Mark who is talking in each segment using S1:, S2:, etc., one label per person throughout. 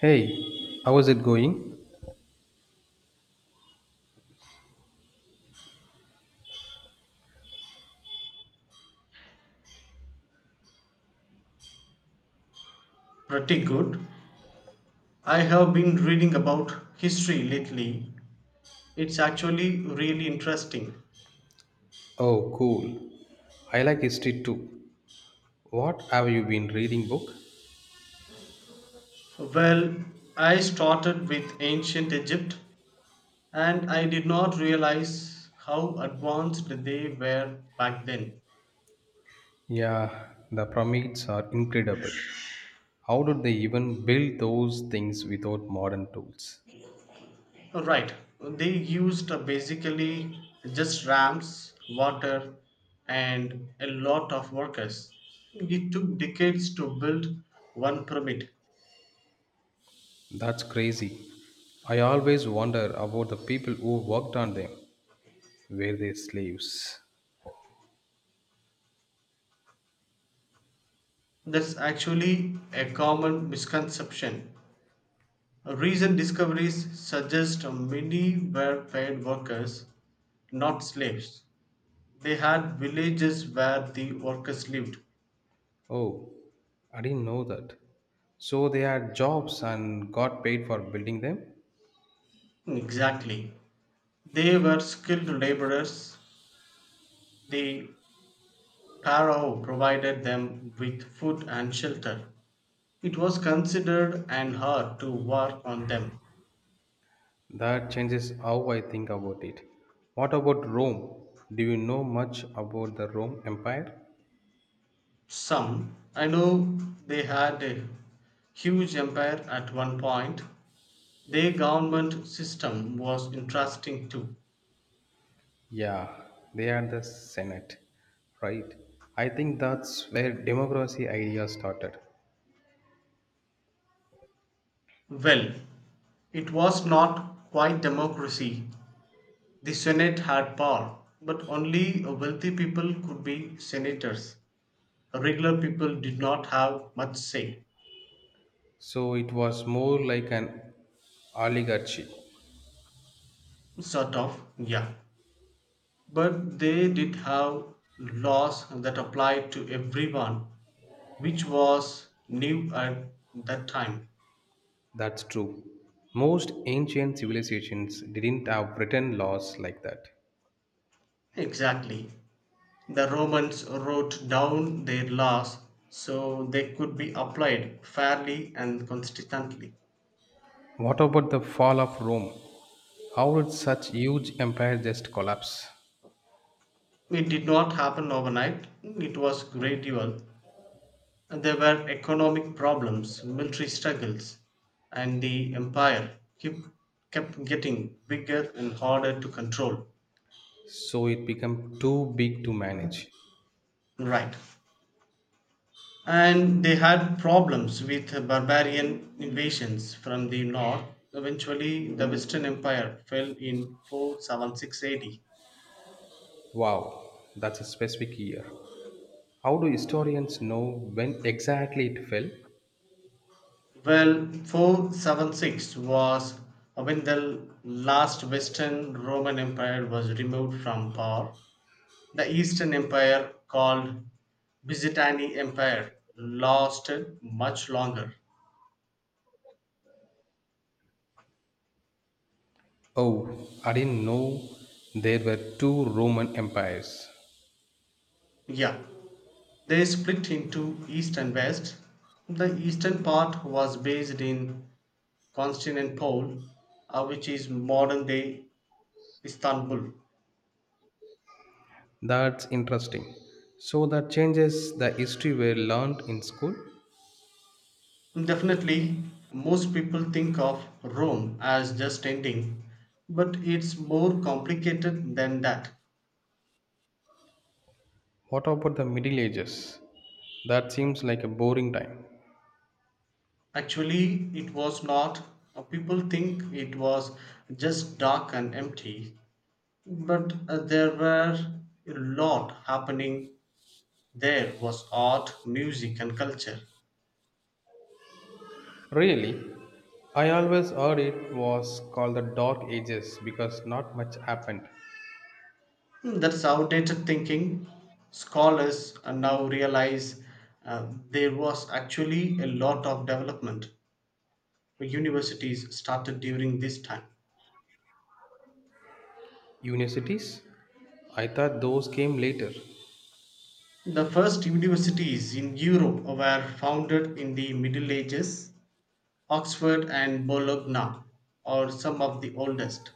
S1: Hey, how is it going?
S2: Pretty good. I have been reading about history lately. It's actually really interesting.
S1: Oh, cool. I like history too. What have you been reading book?
S2: Well, I started with ancient Egypt and I did not realize how advanced they were back then.
S1: Yeah, the pyramids are incredible. How did they even build those things without modern tools?
S2: Right, they used basically just ramps, water, and a lot of workers. It took decades to build one pyramid.
S1: That's crazy. I always wonder about the people who worked on them. Were they slaves?
S2: That's actually a common misconception. Recent discoveries suggest many were paid workers, not slaves. They had villages where the workers lived.
S1: Oh, I didn't know that. So they had jobs and got paid for building them?
S2: Exactly. They were skilled laborers. The pharaoh provided them with food and shelter. It was considered an art to work on them.
S1: That changes how I think about it. What about Rome? Do you know much about the Rome Empire?
S2: Some, I know they had a huge empire at one point. Their government system was interesting too.
S1: Yeah, they are the Senate, right? I think that's where democracy idea started.
S2: Well, it was not quite democracy. The Senate had power, but only wealthy people could be senators. Regular people did not have much say.
S1: So it was more like an oligarchy.
S2: Sort of, yeah. But they did have laws that applied to everyone, which was new at that time.
S1: That's true. Most ancient civilizations didn't have written laws like that.
S2: Exactly. The Romans wrote down their laws so they could be applied fairly and consistently.
S1: What about the fall of Rome? How did such huge empire just collapse?
S2: It did not happen overnight, it was gradual. There were economic problems, military struggles, and the empire keep, kept getting bigger and harder to control.
S1: So it became too big to manage.
S2: Right. And they had problems with barbarian invasions from the north. Eventually, the Western Empire fell in 476 AD.
S1: Wow, that's a specific year. How do historians know when exactly it fell?
S2: Well, 476 was when the last Western Roman Empire was removed from power. The Eastern Empire, called Byzantine Empire, lasted much longer.
S1: Oh, I didn't know there were two Roman empires.
S2: Yeah, they split into East and West. The eastern part was based in Constantinople, which is modern day Istanbul.
S1: That's interesting. So that changes the history we learned in school.
S2: Definitely, most people think of Rome as just ending, but it's more complicated than that.
S1: What about the Middle Ages? That seems like a boring time.
S2: Actually, it was not. People think it was just dark and empty, but there were a lot happening. There was art, music, and culture.
S1: Really? I always heard it was called the Dark Ages because not much happened.
S2: That's outdated thinking. Scholars now realize there was actually a lot of development universities started during this time.
S1: Universities? I thought those came later.
S2: The first universities in Europe were founded in the Middle Ages. Oxford and Bologna are some of the oldest.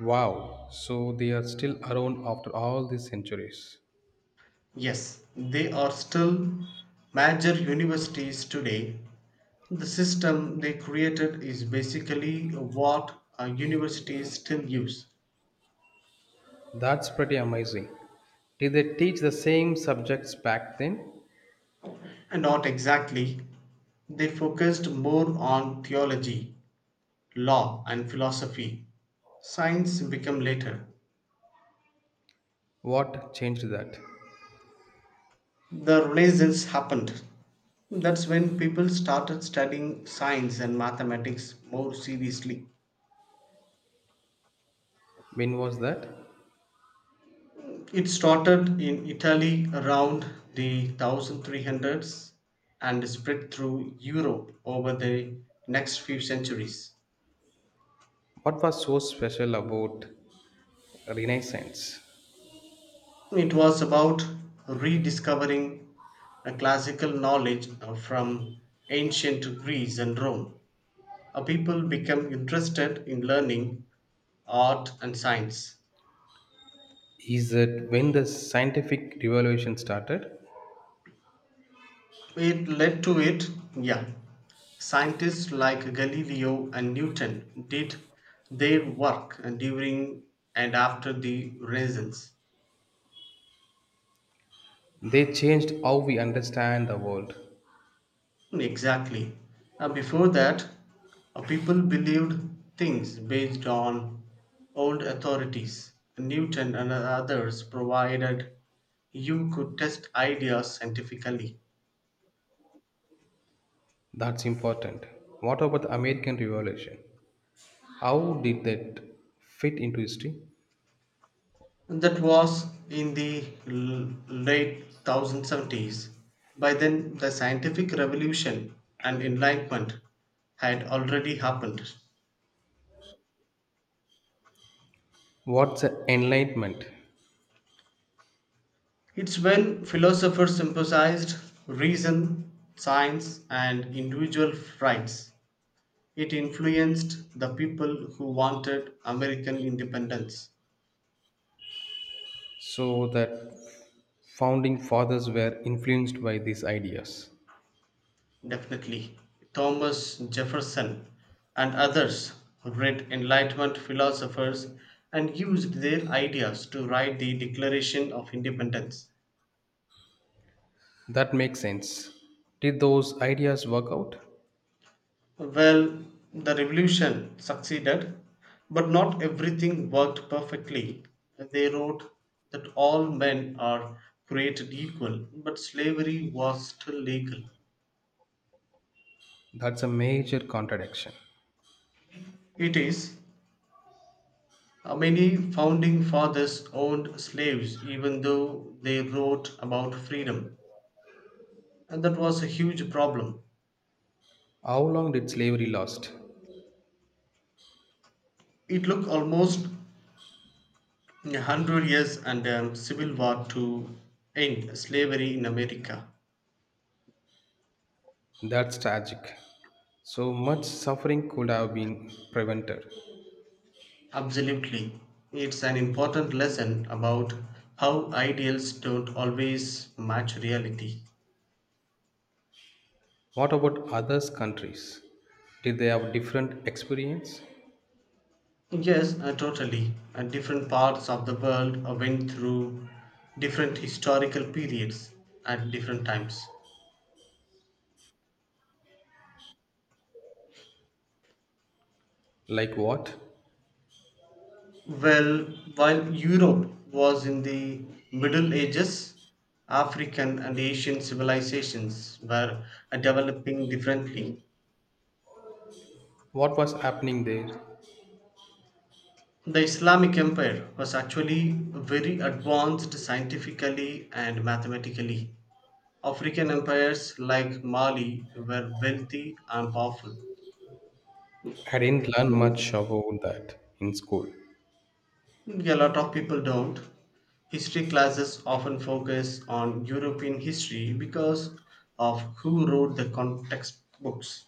S1: Wow, so they are still around after all these centuries.
S2: Yes, they are still major universities today. The system they created is basically what universities still use.
S1: That's pretty amazing. Did they teach the same subjects back then?
S2: And not exactly, they focused more on theology Law and philosophy, science became later.
S1: What changed that?
S2: The Renaissance happened. That's when people started studying science and mathematics more seriously.
S1: When was that?
S2: It started in Italy around the 1300s and spread through Europe over the next few centuries.
S1: What was so special about Renaissance?
S2: It was about rediscovering a classical knowledge from ancient Greece and Rome. People become interested in learning art and science.
S1: Is it when the scientific revolution started?
S2: It led to it, yeah. Scientists like Galileo and Newton did their work during and after the Renaissance.
S1: They changed how we understand the world.
S2: Exactly. Before that, people believed things based on old authorities. Newton and others provided you could test ideas scientifically.
S1: That's important. What about the American Revolution? How did that fit into history?
S2: That was in the late 1070s. By then, the scientific revolution and enlightenment had already happened.
S1: What's the Enlightenment?
S2: It's when philosophers emphasized reason, science, and individual rights. It influenced the people who wanted American independence.
S1: So that founding fathers were influenced by these ideas.
S2: Definitely. Thomas Jefferson and others read Enlightenment philosophers and used their ideas to write the Declaration of Independence.
S1: That makes sense. Did those ideas work out?
S2: Well, the revolution succeeded, but not everything worked perfectly. They wrote that all men are created equal, but slavery was still legal.
S1: That's a major contradiction.
S2: It is Many founding fathers owned slaves even though they wrote about freedom, and that was a huge problem.
S1: How long did slavery last?
S2: It took almost 100 years and a Civil War to end slavery in America.
S1: That's tragic. So much suffering could have been prevented.
S2: Absolutely. It's an important lesson about how ideals don't always match reality.
S1: What about others countries? Did they have different experience?
S2: Yes, totally. Different parts of the world went through different historical periods at different times.
S1: Like what?
S2: Well, while Europe was in the Middle Ages, African and Asian civilizations were developing differently.
S1: What was happening there?
S2: The Islamic Empire was actually very advanced scientifically and mathematically. African empires like Mali were wealthy and powerful.
S1: I didn't learn much about that in school.
S2: A lot of people don't. History classes often focus on European history because of who wrote the context books.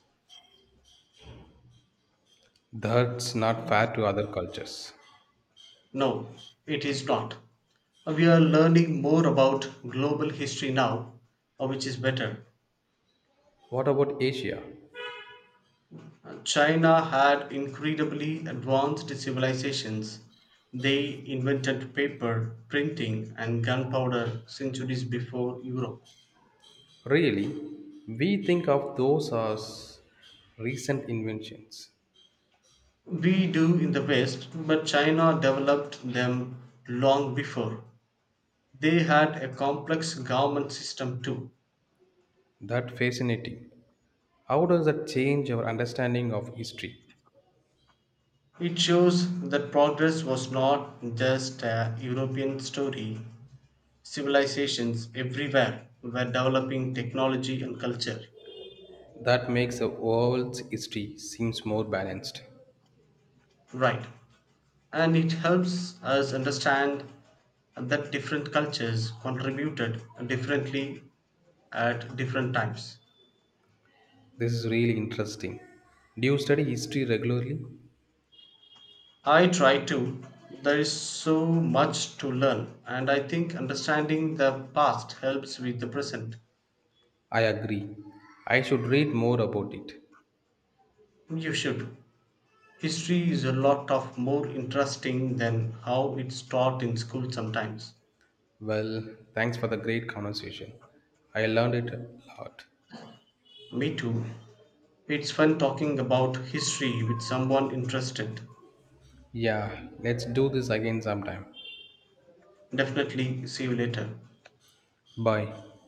S1: That's not fair to other cultures.
S2: No, it is not. We are learning more about global history now, which is better.
S1: What about Asia?
S2: China had incredibly advanced civilizations. They invented paper, printing, and gunpowder centuries before Europe.
S1: Really, we think of those as recent inventions.
S2: We do in the West, but China developed them long before. They had a complex government system too.
S1: That fascinating. How does that change our understanding of history?
S2: It shows that progress was not just a European story. Civilizations everywhere were developing technology and culture.
S1: That makes the world's history seems more balanced.
S2: Right. And it helps us understand that different cultures contributed differently at different times.
S1: This is really interesting. Do you study history regularly?
S2: I try to. There is so much to learn, and I think understanding the past helps with the present.
S1: I agree. I should read more about it.
S2: You should. History is a lot of more interesting than how it's taught in school sometimes.
S1: Well, thanks for the great conversation. I learned it a lot.
S2: Me too. It's fun talking about history with someone interested.
S1: Yeah, let's do this again sometime.
S2: Definitely see you later.
S1: Bye.